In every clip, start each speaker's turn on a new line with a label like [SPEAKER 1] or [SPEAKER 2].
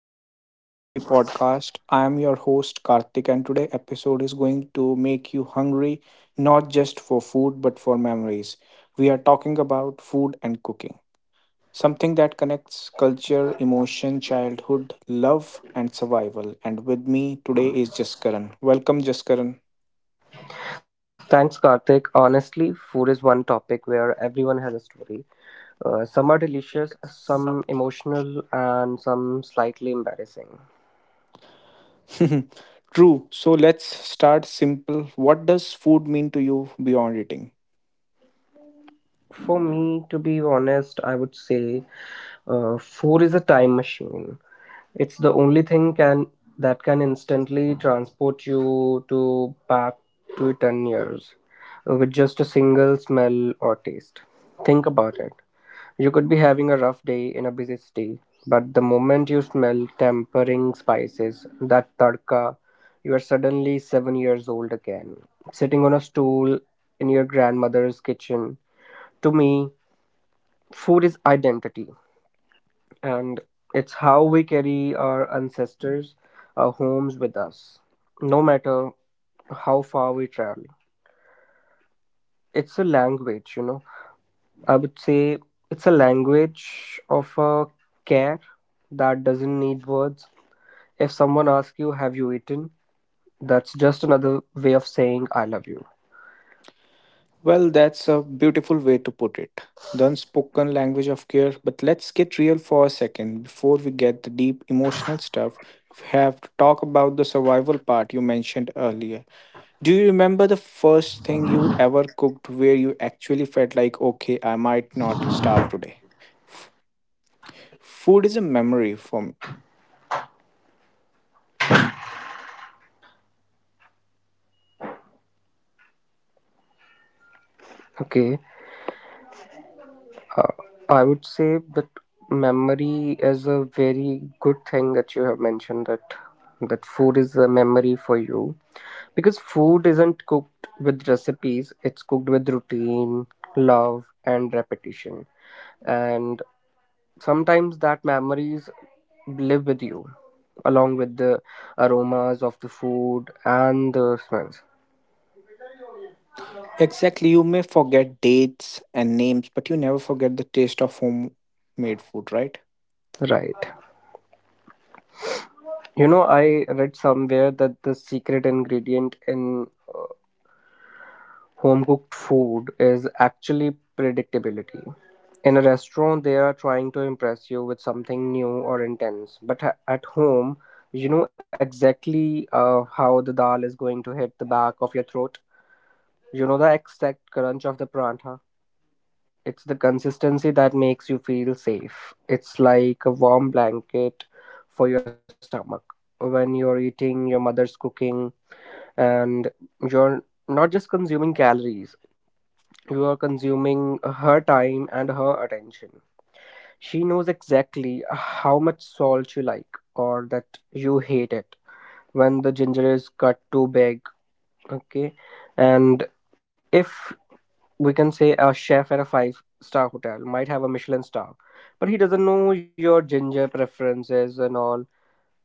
[SPEAKER 1] welcome back to TP Podcast. I am your host Karthik and today episode is going to make you hungry not just for food but for memories. We are talking about food and cooking, something that connects culture, emotion, childhood, love and survival. And with me today is Jaskaran. Welcome Jaskaran.
[SPEAKER 2] thanks Karthik. Honestly, food is one topic where everyone has a story. Some are delicious, some emotional, and some slightly embarrassing.
[SPEAKER 1] True. So let's start simple. What does food mean to you beyond eating?
[SPEAKER 2] For me, to be honest, I would say food is a time machine. It's the only thing can that can instantly transport you to back to 10 years with just a single smell or taste. Think about it. You could be having a rough day in a busy city, but the moment you smell tempering spices, that tadka, you are suddenly 7 years old again, sitting on a stool in your grandmother's kitchen. To me, food is identity, and it's how we carry our ancestors, our homes with us, no matter how far we travel. It's a language, I would say it's a language of a care that doesn't need words. If someone asks you, "Have you eaten?" that's just another way of saying, "I love you."
[SPEAKER 1] Well, that's a beautiful way to put it. The unspoken language of care. But let's get real for a second before we get the deep emotional stuff. We have to talk about the survival part you mentioned earlier. Do you remember the first thing you ever cooked where you actually felt like, okay, I might not starve today? F- Food is a memory for me.
[SPEAKER 2] Okay. Uh, I would say that memory is a very good thing that you have mentioned, that food is a memory for you, because food isn't cooked with recipes, it's cooked with routine, love, and repetition. And sometimes that memories live with you, along with the aromas of the food and the smells.
[SPEAKER 1] Exactly, you may forget dates and names, but you never forget the taste of homemade food, right?
[SPEAKER 2] Right. You know, I read somewhere that the secret ingredient in home cooked food is actually predictability. In a restaurant, they are trying to impress you with something new or intense, but at home, you know exactly how the dal is going to hit the back of your throat. You know the exact crunch of the prantha. It's the consistency that makes you feel safe. It's like a warm blanket for your stomach. When you're eating your mother's cooking, and you're not just consuming calories, you are consuming her time and her attention. She knows exactly how much salt you like, or that you hate it when the ginger is cut too big, okay, and if we can say, a chef at a five-star hotel might have a Michelin star, but he doesn't know your ginger preferences and all,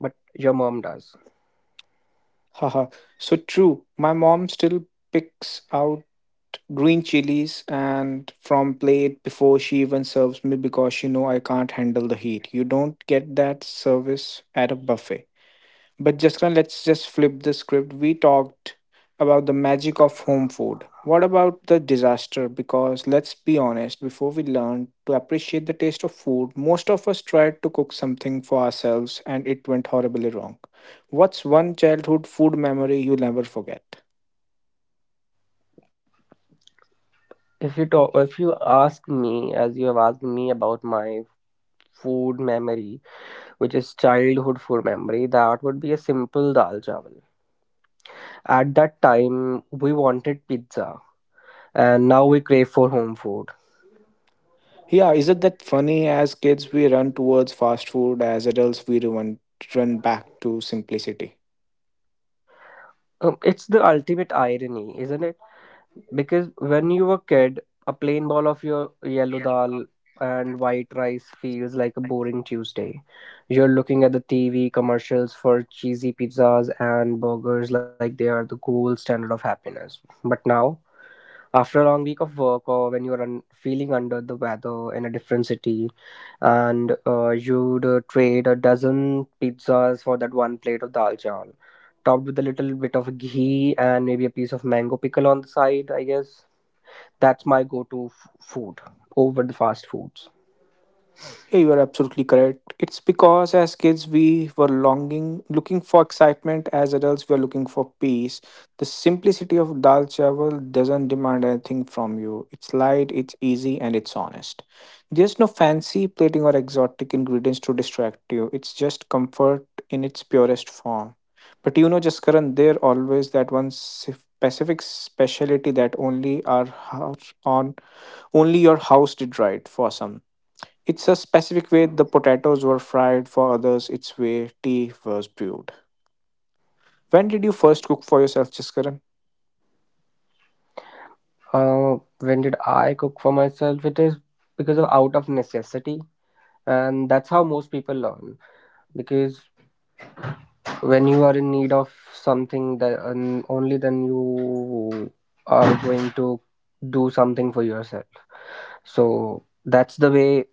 [SPEAKER 2] but your mom does.
[SPEAKER 1] Haha. So true. My mom still picks out green chilies and from plate before she even serves me because she know I can't handle the heat. You don't get that service at a buffet. But Jessica, let's just flip the script. We talked about the magic of home food. What about the disaster? Because let's be honest, before we learned to appreciate the taste of food, most of us tried to cook something for ourselves and it went horribly wrong. What's one childhood food memory you'll never forget?
[SPEAKER 2] If you ask me, as you have asked me about my food memory, which is childhood food memory, that would be a simple dal chawal. At that time, we wanted pizza, and now we crave for home food.
[SPEAKER 1] Yeah, isn't that funny? As kids, we run towards fast food, as adults, we run back to simplicity.
[SPEAKER 2] It's the ultimate irony, isn't it? Because when you were a kid, a plain bowl of your yellow dal and white rice feels like a boring Tuesday. You're looking at the TV commercials for cheesy pizzas and burgers like they are the gold standard of happiness. But now, after a long week of work, or when you're feeling under the weather in a different city, and you'd trade a dozen pizzas for that one plate of dal chawal topped with a little bit of ghee and maybe a piece of mango pickle on the side, I guess that's my go-to food over the fast foods.
[SPEAKER 1] Yeah, you are absolutely correct. It's because as kids we were longing, looking for excitement. As adults, we are looking for peace. The simplicity of dal chawal doesn't demand anything from you. It's light, it's easy, and it's honest. There's no fancy plating or exotic ingredients to distract you. It's just comfort in its purest form. But you know, just Karan, there always that one specific specialty that only our house on only your house did right for some, it's a specific way the potatoes were fried, for others, it's way tea was brewed. When did you first cook for yourself, Jaskaran?
[SPEAKER 2] When did I cook for myself? It is because of out of necessity, and that's how most people learn, because when you are in need of something, that and only then you are going to do something for yourself. So that's the way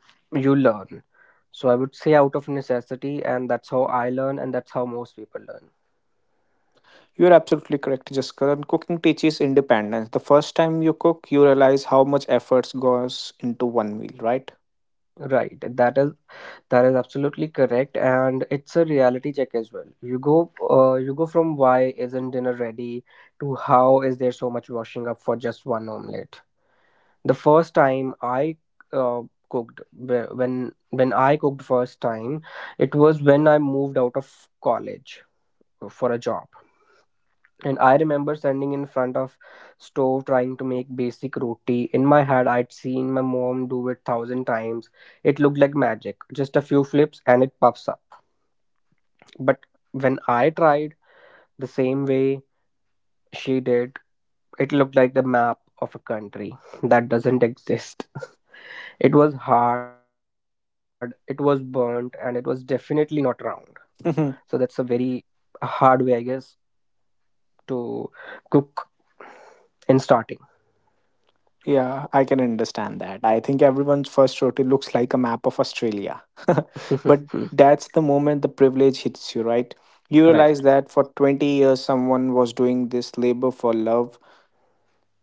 [SPEAKER 2] you learn. So I would say out of necessity, and that's how I learn, and that's how most people learn.
[SPEAKER 1] You're absolutely correct, Jaskaran. Cooking teaches independence. The first time you cook, you realize how much effort goes into one meal, right?
[SPEAKER 2] Right, that is, that is absolutely correct, and it's a reality check as well. You go you go from, why isn't dinner ready, to how is there so much washing up for just one omelet. The first time I uh, cooked, wh- when I cooked first time, it was when I moved out of college for a job. And I remember standing in front of stove trying to make basic roti. In my head, I'd seen my mom do it thousand times. It looked like magic. Just a few flips and it pops up. But when I tried the same way she did, it looked like the map of a country that doesn't exist. It was hard, it was burnt, and it was definitely not round. So that's a
[SPEAKER 1] Mhm.
[SPEAKER 2] very hard way, I guess, to cook in starting.
[SPEAKER 1] Yeah, I can understand that. I think everyone's first roti looks like a map of Australia. But that's the moment the privilege hits you, right? You realize
[SPEAKER 2] Right.
[SPEAKER 1] that for 20 years, someone was doing this labor for love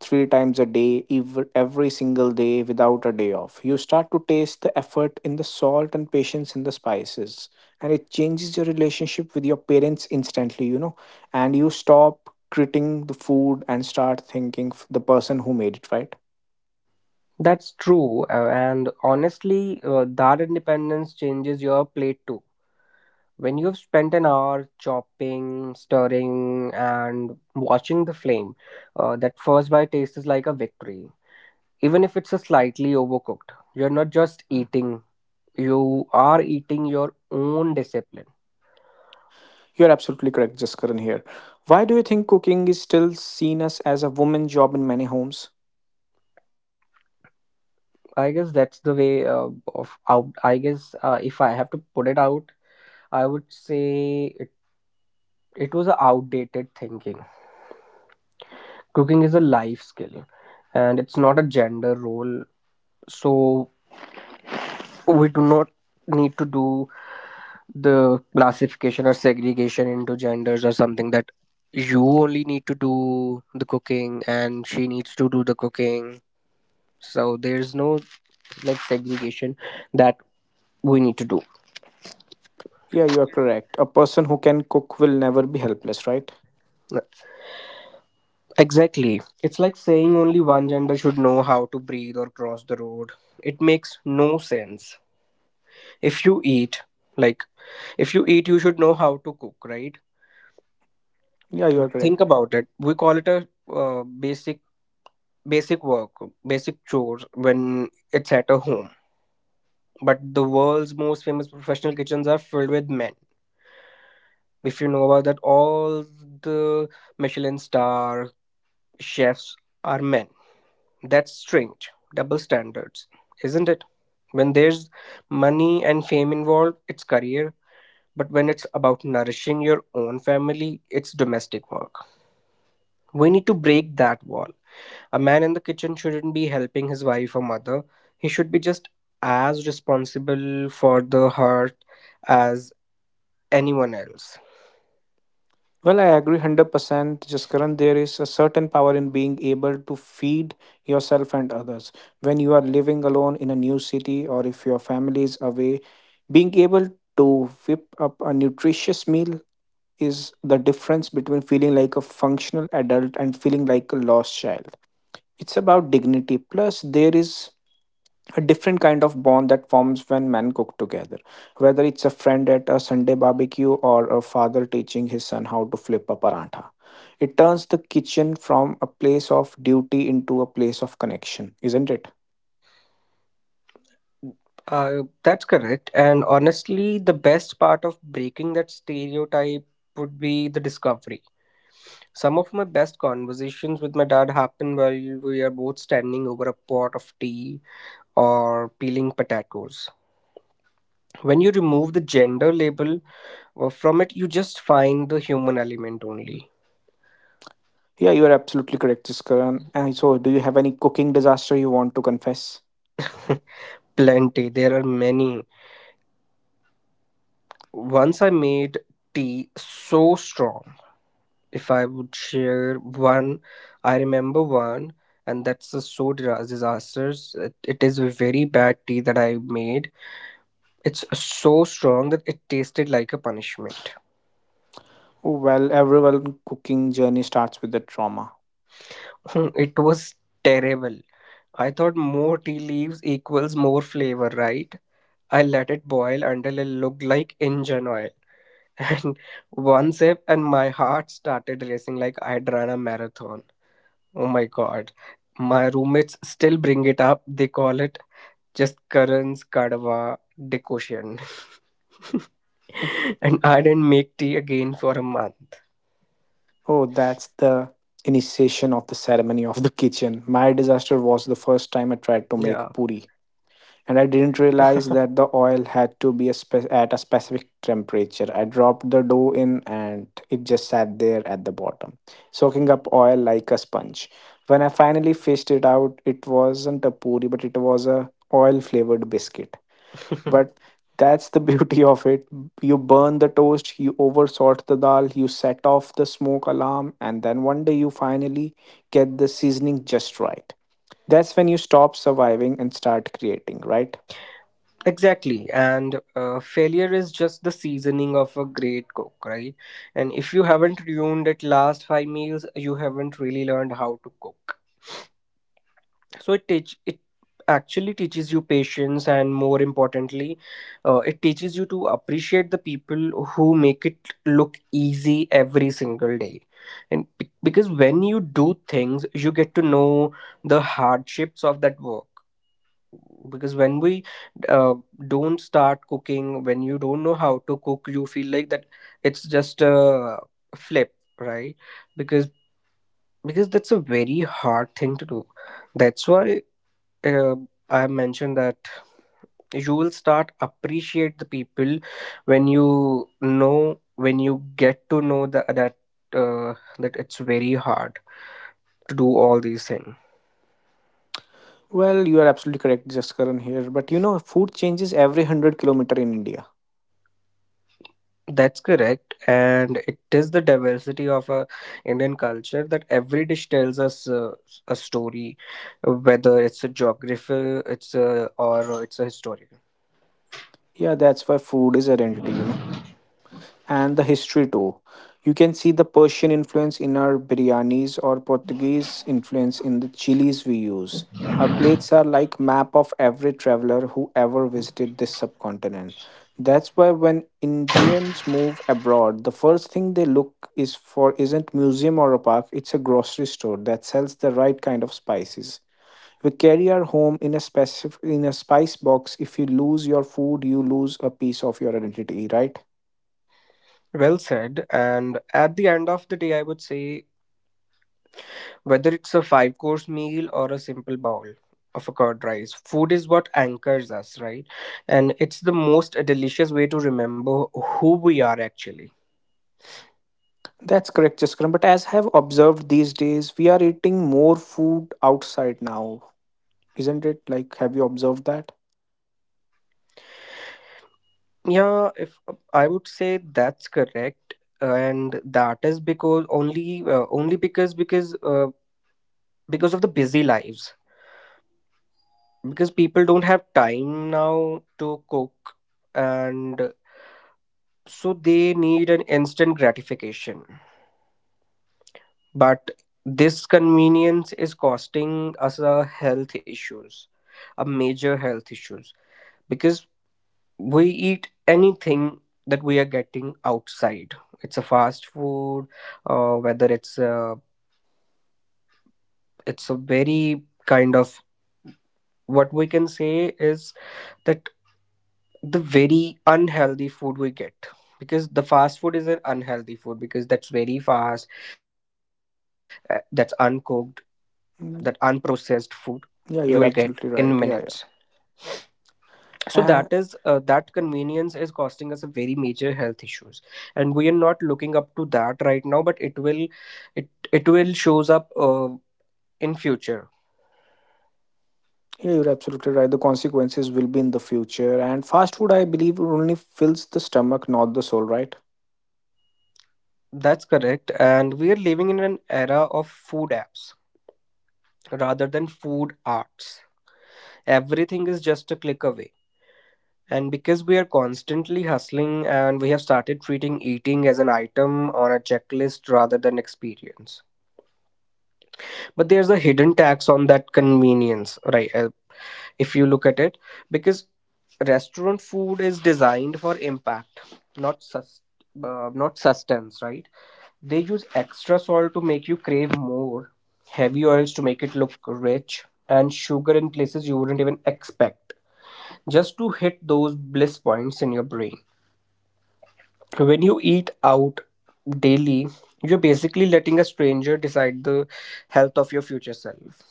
[SPEAKER 1] 3 times a day, every single day without a day off. You start to taste the effort in the salt and patience in the spices, and it changes your relationship with your parents instantly, you know. And you stop treating the food and start thinking the person who made it, right?
[SPEAKER 2] That's true. And honestly, that independence changes your plate too. When you have spent an hour chopping, stirring, and watching the flame, that first bite tastes like a victory. Even if it's a slightly overcooked, you're not just eating, you are eating your own discipline.
[SPEAKER 1] You're absolutely correct, Jaskaran here. Why do you think cooking is still seen as a woman job in many homes?
[SPEAKER 2] I guess that's the way, of out I guess, if I have to put it out, I would say it was an outdated thinking. Cooking is a life skill, and it's not a gender role. So we do not need to do the classification or segregation into genders or something, that you only need to do the cooking and she needs to do the cooking. So there's no like segregation that we need to do.
[SPEAKER 1] Yeah, you are correct. A person who can cook will never be helpless, right?
[SPEAKER 2] Exactly, it's like saying only one gender should know how to breathe or cross the road. It makes no sense. If you eat, like, if you eat, you should know how to cook, right?
[SPEAKER 1] Yeah, you are correct.
[SPEAKER 2] Think about it, we call it a uh, basic basic work, basic chores when it's at a home, but the world's most famous professional kitchens are filled with men. If you know about that, all the Michelin star chefs are men. That's strange. Double standards, isn't it? When there's money and fame involved, it's career. But when it's about nourishing your own family, it's domestic work. We need to break that wall. A man in the kitchen shouldn't be helping his wife or mother. He should be just as responsible for the heart as anyone else.
[SPEAKER 1] Well, I agree 100%. Just current, there is a certain power in being able to feed yourself and others. When you are living alone in a new city or if your family is away, being able to whip up a nutritious meal is the difference between feeling like a functional adult and feeling like a lost child. It's about dignity. Plus, there is a different kind of bond that forms when men cook together. Whether it's a friend at a Sunday barbecue or a father teaching his son how to flip a parantha, it turns the kitchen from a place of duty into a place of connection, isn't it?
[SPEAKER 2] That's correct. And honestly, the best part of breaking that stereotype would be the discovery. Some of my best conversations with my dad happen while we are both standing over a pot of tea or peeling potatoes. When you remove the gender label from it, you just find the human element only.
[SPEAKER 1] Yeah, you are absolutely correct, Jiskaran. And so, do you have any cooking disaster you want to confess?
[SPEAKER 2] Plenty, there are many. Once I made tea so strong. If I would share one, I remember one, and that's a so disastrous. It is a very bad tea that I made. It's so strong that it tasted like a punishment.
[SPEAKER 1] Well, everyone cooking journey starts with the trauma.
[SPEAKER 2] Hmm, it was terrible. I thought more tea leaves equals more flavor, right? I let it boil until it looked like engine oil. And one sip, and my heart started racing like I'd run a marathon. Oh my god. My roommates still bring it up. They call it just Karan's Kadwa decoction. And I didn't make tea again for a month.
[SPEAKER 1] Oh, that's the initiation of the ceremony of the kitchen. My disaster was the first time
[SPEAKER 2] Yeah.
[SPEAKER 1] I tried to make puri, and I didn't realize that the oil had to be a at a specific temperature. I dropped the dough in, and it just sat there at the bottom, soaking up oil like a sponge. When I finally fished it out, it wasn't a puri, but it was a oil flavored biscuit. But that's the beauty of it. You burn the toast, you oversalt the dal, you set off the smoke alarm, and then one day you finally get the seasoning just right. That's when you stop surviving and start creating, right?
[SPEAKER 2] Exactly, and failure is just the seasoning of a great cook, right? And if you haven't ruined it last five meals, you haven't really learned how to cook. So it actually teaches you patience, and more importantly, it teaches you to appreciate the people who make it look easy every single day. And because when you do things, you get to know the hardships of that work, because when we uh, don't start cooking, when you don't know how to cook, you feel like that it's just a flip, right? because because that's a very hard thing to do. That's why, uh, I mentioned that you will start appreciate the people when you know, when you get to know the, that, uh, that it's very hard to do all these things.
[SPEAKER 1] Well, you are absolutely correct, Jaskaran here. But you know, food changes every 100 kilometer in India.
[SPEAKER 2] That's correct, and it is the diversity of a Indian culture that every dish tells us a story, whether it's a geographical, it's a, or it's a historical.
[SPEAKER 1] Yeah, that's why food is identity, you know. And the history too. You can see the Persian influence in our biryanis or Portuguese influence in the chilies we use. Our plates are like map of every traveler who ever visited this subcontinent. That's why when Indians move abroad, the first thing they look is for isn't museum or a park, it's a grocery store that sells the right kind of spices. We carry our home in a specific in a spice box. If you lose your food, you lose a piece of your identity, right?
[SPEAKER 2] Well said. And at the end of the day, I would say whether it's a five-course meal or a simple bowl of a curd rice, food is what anchors us, right? And it's the most delicious way to remember who we are actually.
[SPEAKER 1] That's correct, Jaskaran. But as I have observed these days, we are eating more food outside now, isn't it? Like, have you observed that?
[SPEAKER 2] Yeah, if I would say that's correct, and that is because only because of the busy lives, because people don't have time now to cook, and so they need an instant gratification. But this convenience is costing us a health issues, a major health issues because we eat anything that we are getting outside. It's a fast food, whether it's a very kind of what we can say is that the very unhealthy food we get, because the fast food is an unhealthy food because that's very fast, that's uncooked, that unprocessed
[SPEAKER 1] Mm,
[SPEAKER 2] food you will
[SPEAKER 1] yeah,
[SPEAKER 2] get
[SPEAKER 1] you're
[SPEAKER 2] in
[SPEAKER 1] absolutely right.
[SPEAKER 2] minutes.
[SPEAKER 1] Yeah, yeah.
[SPEAKER 2] So that is,
[SPEAKER 1] Uh,
[SPEAKER 2] that convenience is costing us a very major health issues, and we are not looking up to that right now, but it will, it will shows up, in future.
[SPEAKER 1] yeah, you're absolutely right. The consequences will be in the future. And fast food, I believe, only fills the stomach, not the soul, right?
[SPEAKER 2] That's correct, and we are living in an era of food apps rather than food arts. Everything is just a click away, and because we are constantly hustling and we have started treating eating as an item on a checklist rather than experience. But there's a hidden tax on that convenience, right? If you look at it, because restaurant food is designed for impact, not sus- not sustenance, right? They use extra salt to make you crave more, heavy oils to make it look rich, and sugar in places you wouldn't even expect, just to hit those bliss points in your brain. When you eat out daily, you're basically letting a stranger decide the health of your future self.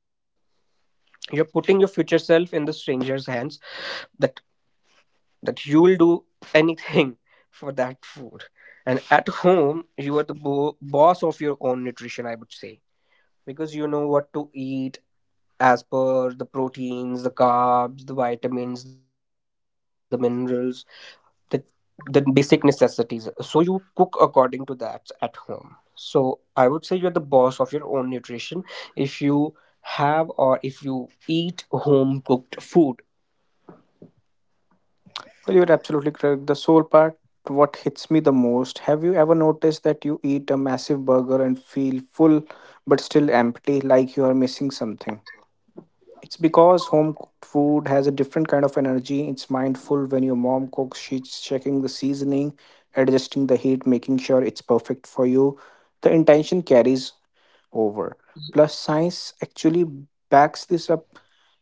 [SPEAKER 2] You're putting your future self in the stranger's hands, that that you'll do anything for that food. And at home, you are the boss of your own nutrition, I would say, because you know what to eat as per the proteins, the carbs, the vitamins, the minerals, the the basic necessities, so you cook according to that at home. So I would say you're the boss of your own nutrition if you have, or if you eat home cooked food.
[SPEAKER 1] Well, you're absolutely correct. The soul part, what hits me the most. Have you ever noticed that you eat a massive burger and feel full but still empty, like you are missing something? It's because home cooked food has a different kind of energy. It's mindful when your mom cooks, she's checking the seasoning, adjusting the heat, making sure it's perfect for you. The intention carries over. Plus, science actually backs this up.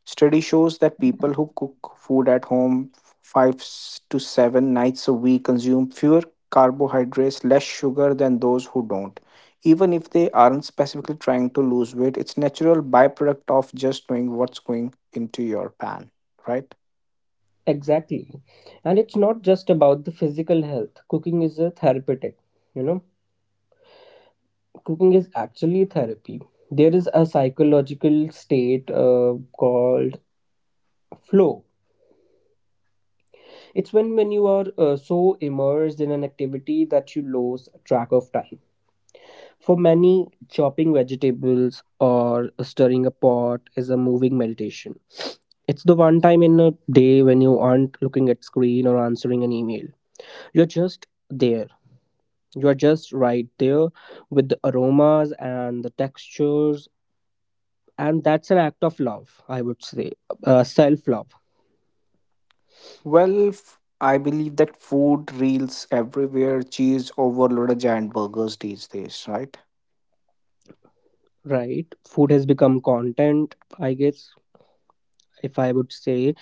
[SPEAKER 1] Study shows that people who cook food at home five to 7 nights a week consume fewer carbohydrates, less sugar than those who don't. Even if they aren't specifically trying to lose weight, it's natural byproduct of just knowing what's going into your pan, right?
[SPEAKER 2] Exactly. And it's not just about the physical health. Cooking is a therapeutic. You know, cooking is actually therapy. There is a psychological state, called flow. It's when you are, so immersed in an activity that you lose track of time. For many, chopping vegetables or stirring a pot is a moving meditation. It's the one time in a day when you aren't looking at screen or answering an email. You're just there. You're just right there with the aromas and the textures, and that's an act of love, I would say. Self love,
[SPEAKER 1] Well, I believe that food reels everywhere, cheese overloaded giant burgers these days, right?
[SPEAKER 2] right? Food has become content, I guess, if I would say,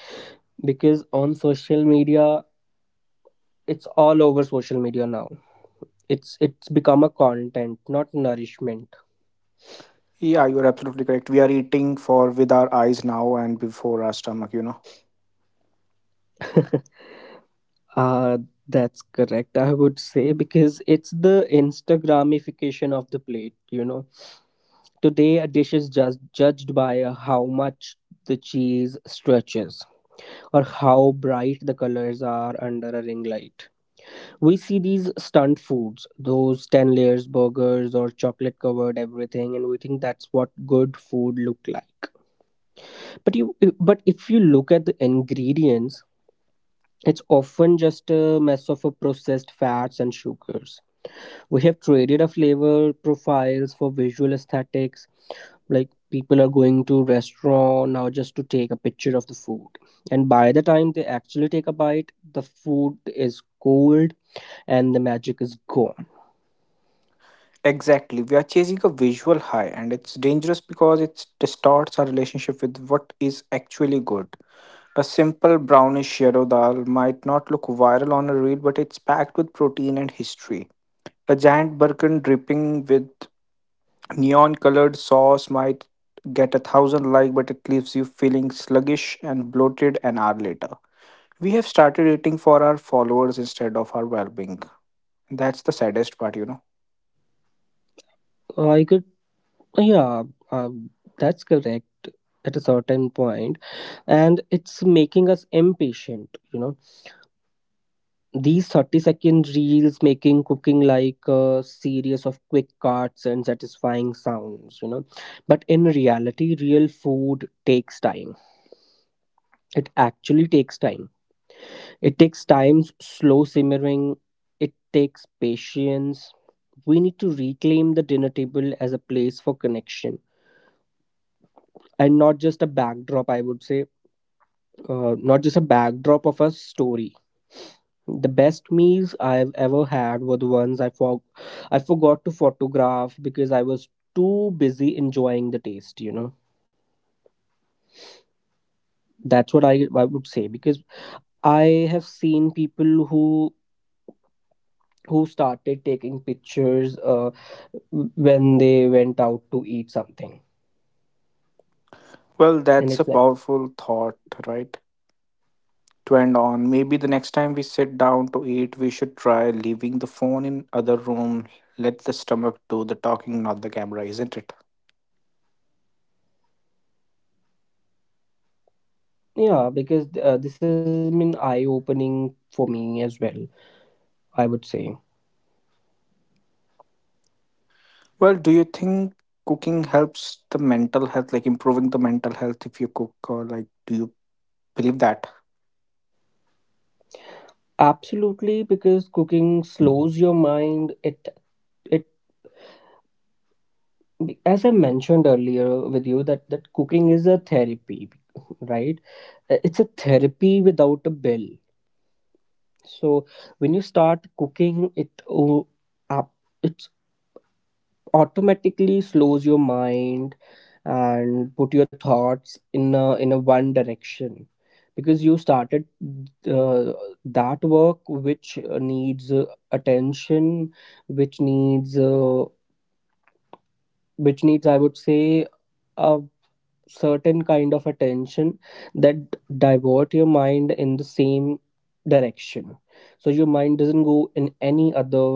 [SPEAKER 2] because on social media, it's all over social media now. It's become a content, not nourishment.
[SPEAKER 1] Yeah, you're absolutely correct. We are eating for with our eyes now and before our stomach, you know.
[SPEAKER 2] uh that's correct, I would say, because it's the instagramification of the plate, you know. Today a dish is just judged by, how much the cheese stretches, or how bright the colors are under a ring light. We see these stunt foods, those 10 layers burgers or chocolate covered everything, and we think that's what good food look like. But if you look at the ingredients, it's often just a mess of a processed fats and sugars. We have traded our flavor profiles for visual aesthetics. Like people are going to restaurant now just to take a picture of the food, and by the time they actually take a bite, the food is cold and the magic is gone.
[SPEAKER 1] Exactly. We are chasing a visual high, and it's dangerous because it distorts our relationship with what is actually good. A simple brownish shadow dal might not look viral on a reel, but it's packed with protein and history. A giant burkin dripping with neon colored sauce might get 1,000 likes, but it leaves you feeling sluggish and bloated an hour later. We have started eating for our followers instead of our well being. That's the saddest part, you know.
[SPEAKER 2] I could, yeah, um, that's correct at a certain point, and it's making us impatient. You know, these 30-second reels making cooking like a series of quick cuts and satisfying sounds. You know, but in reality, real food takes time. It actually takes time. It takes time, slow simmering. It takes patience. We need to reclaim the dinner table as a place for connection and not just a backdrop, I would say, not just a backdrop of a story. The best meals I've ever had were the ones I forgot to photograph because I was too busy enjoying the taste, you know. That's what I would say, because I have seen people who started taking pictures, when they went out to eat something,
[SPEAKER 1] Well,
[SPEAKER 2] and
[SPEAKER 1] that's a
[SPEAKER 2] it's like.
[SPEAKER 1] powerful thought, right? To end on, maybe the next time we sit down to eat, we should try leaving the phone in other room. Let the stomach do the talking, not the camera, isn't it?
[SPEAKER 2] Yeah, because, this has been eye opening for me as well, I would say.
[SPEAKER 1] Well, do you think cooking helps the mental health, like improving the mental health if you cook, or like do you believe that?
[SPEAKER 2] Absolutely, because cooking slows your mind. It as I mentioned earlier with you, that that cooking is a therapy, right? It's a therapy without a bill. So when you start cooking, it oh, up it automatically slows your mind and put your thoughts in a one direction, because you started, uh, that work which needs, attention, which needs, which needs, I would say, a certain kind of attention, that divert your mind in the same direction, so your mind doesn't go in any other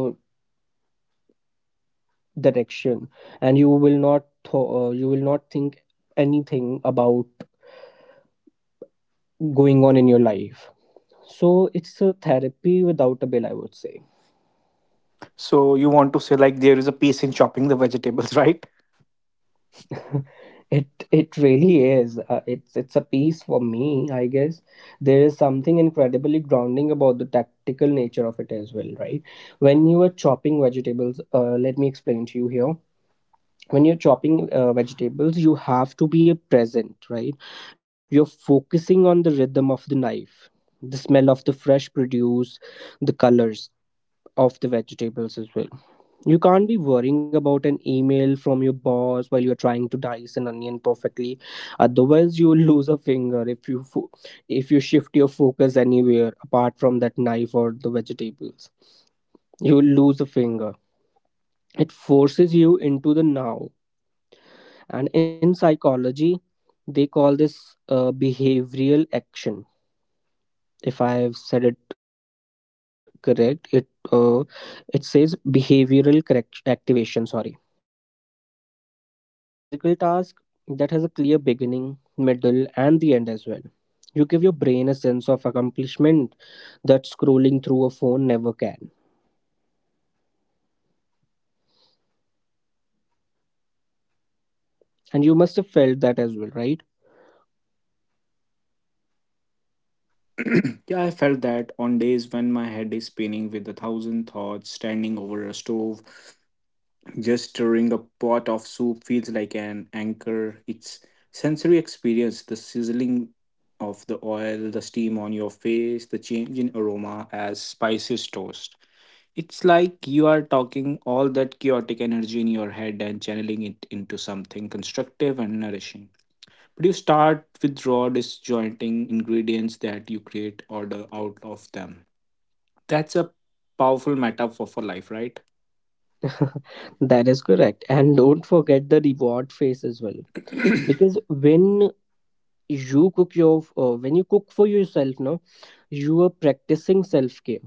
[SPEAKER 2] direction. And you will not you will not think anything about going on in your life. So it's a therapy without a bill, I would say.
[SPEAKER 1] So you want to say like there is a peace in chopping the vegetables, right?
[SPEAKER 2] It really is. It's a piece for me, I guess. There is something incredibly grounding about the tactical nature of it as well, right? When you are chopping vegetables, let me explain to you here. When you're chopping, vegetables, you have to be present, right? You're focusing on the rhythm of the knife, the smell of the fresh produce, the colors of the vegetables as well. You can't be worrying about an email from your boss while you're trying to dice an onion perfectly. Otherwise, you'll lose a finger if you shift your focus anywhere apart from that knife or the vegetables. You'll lose a finger. It forces you into the now. And in psychology, they call this, behavioral action. If I have said it correct, uh, it says behavioral activation. Sorry. And, by doing a physical task that has a clear beginning, middle, and the end as well, you give your brain a sense of accomplishment that scrolling through a phone never can. And you must have felt that as well, right?
[SPEAKER 1] Yeah, I felt that on days when my head is spinning with 1,000 thoughts, standing over a stove, just stirring a pot of soup feels like an anchor. It's sensory experience, the sizzling of the oil, the steam on your face, the change in aroma as spices toast. It's like you are talking all that chaotic energy in your head and channeling it into something constructive and nourishing. But you start with raw disjointing ingredients that you create order out of them. That's a powerful metaphor for life, right?
[SPEAKER 2] That is correct, and don't forget the reward phase as well. Because when you cook your, when you cook for yourself, no, you are practicing self-care,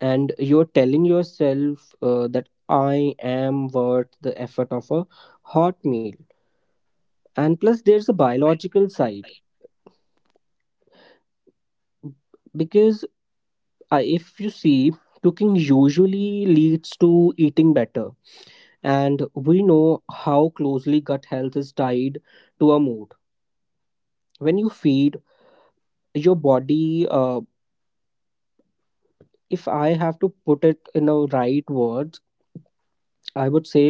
[SPEAKER 2] and you're telling yourself, that I am worth the effort of a hot meal. And plus there's a biological side, because I if you see, cooking usually leads to eating better, and we know how closely gut health is tied to a mood. When you feed your body, if I have to put it in a right words, I would say,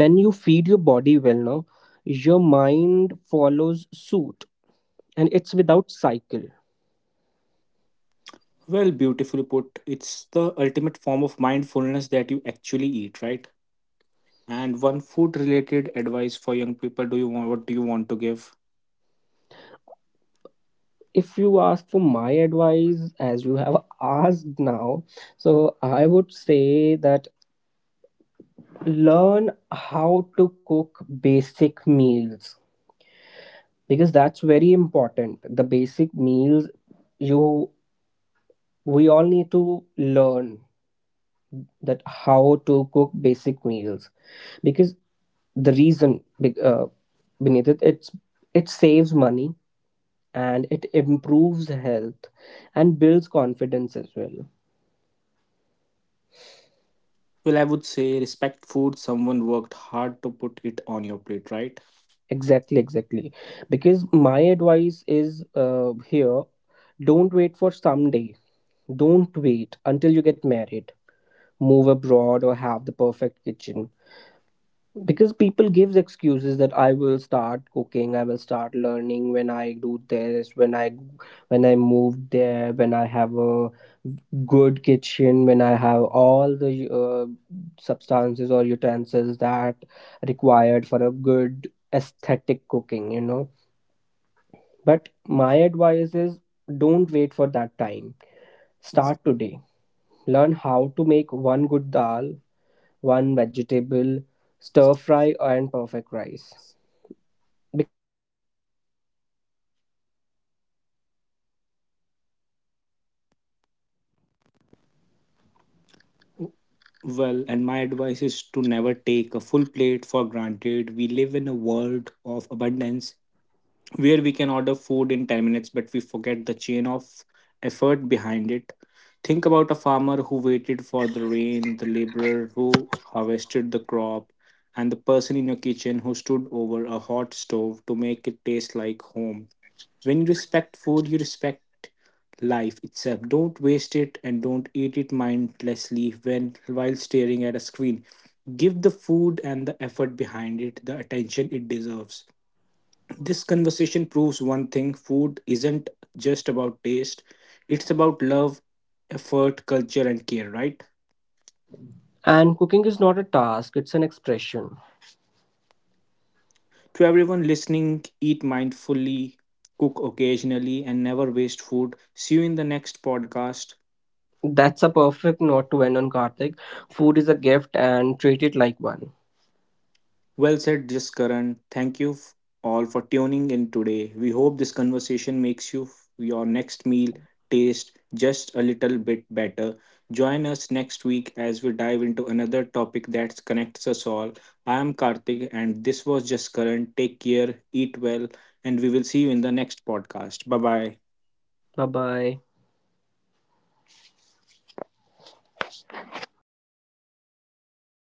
[SPEAKER 2] when you feed your body well now, your mind follows suit, and it's without cycle.
[SPEAKER 1] Well, beautifully put. It's the ultimate form of mindfulness that you actually eat, right? And one food related advice for young people do you want what do you want to give?
[SPEAKER 2] If you ask for my advice, as you have asked now, so I would say that learn how to cook basic meals, because that's very important, the basic meals. You we all need to learn that how to cook basic meals, because the reason beneath it, it's, it saves money, and it improves health, and builds confidence as well.
[SPEAKER 1] Well, I would say respect food. Someone worked hard to put it on your plate, right?
[SPEAKER 2] Exactly, exactly. Because my advice is, here, don't wait for someday. Don't wait until you get married, move abroad, or have the perfect kitchen. Because people gives excuses that I will start cooking, I will start learning when I do this, when I move there, when I have a good kitchen, when I have all the, substances or utensils that required for a good aesthetic cooking. You know, but my advice is don't wait for that time. Start today. Learn how to make one good dal, one vegetable, stir fry, and perfect rice.
[SPEAKER 1] Well, and my advice is to never take a full plate for granted. We live in a world of abundance where we can order food in 10 minutes, but we forget the chain of effort behind it. Think about a farmer who waited for the rain, the laborer who harvested the crop, and the person in your kitchen who stood over a hot stove to make it taste like home. When you respect food, you respect life itself. Don't waste it and don't eat it mindlessly when while staring at a screen. Give the food and the effort behind it the attention it deserves. This conversation proves one thing food isn't just about taste, it's about love, effort, culture, and care, right?
[SPEAKER 3] And cooking is not a task, it's an expression.
[SPEAKER 1] To everyone listening, eat mindfully, cook occasionally, and never waste food. See you in the next podcast.
[SPEAKER 3] That's a perfect note to end on, Karthik. Food is a gift and treat it like one.
[SPEAKER 1] Well said, Just Jaskaran. Thank you all for tuning in today. We hope this conversation makes you your next meal taste just a little bit better. Join us next week as we dive into another topic that connects us all. I am Karthik and this was Just Jaskaran. Take care, eat well, and we will see you in the next podcast. Bye bye.
[SPEAKER 3] Bye bye.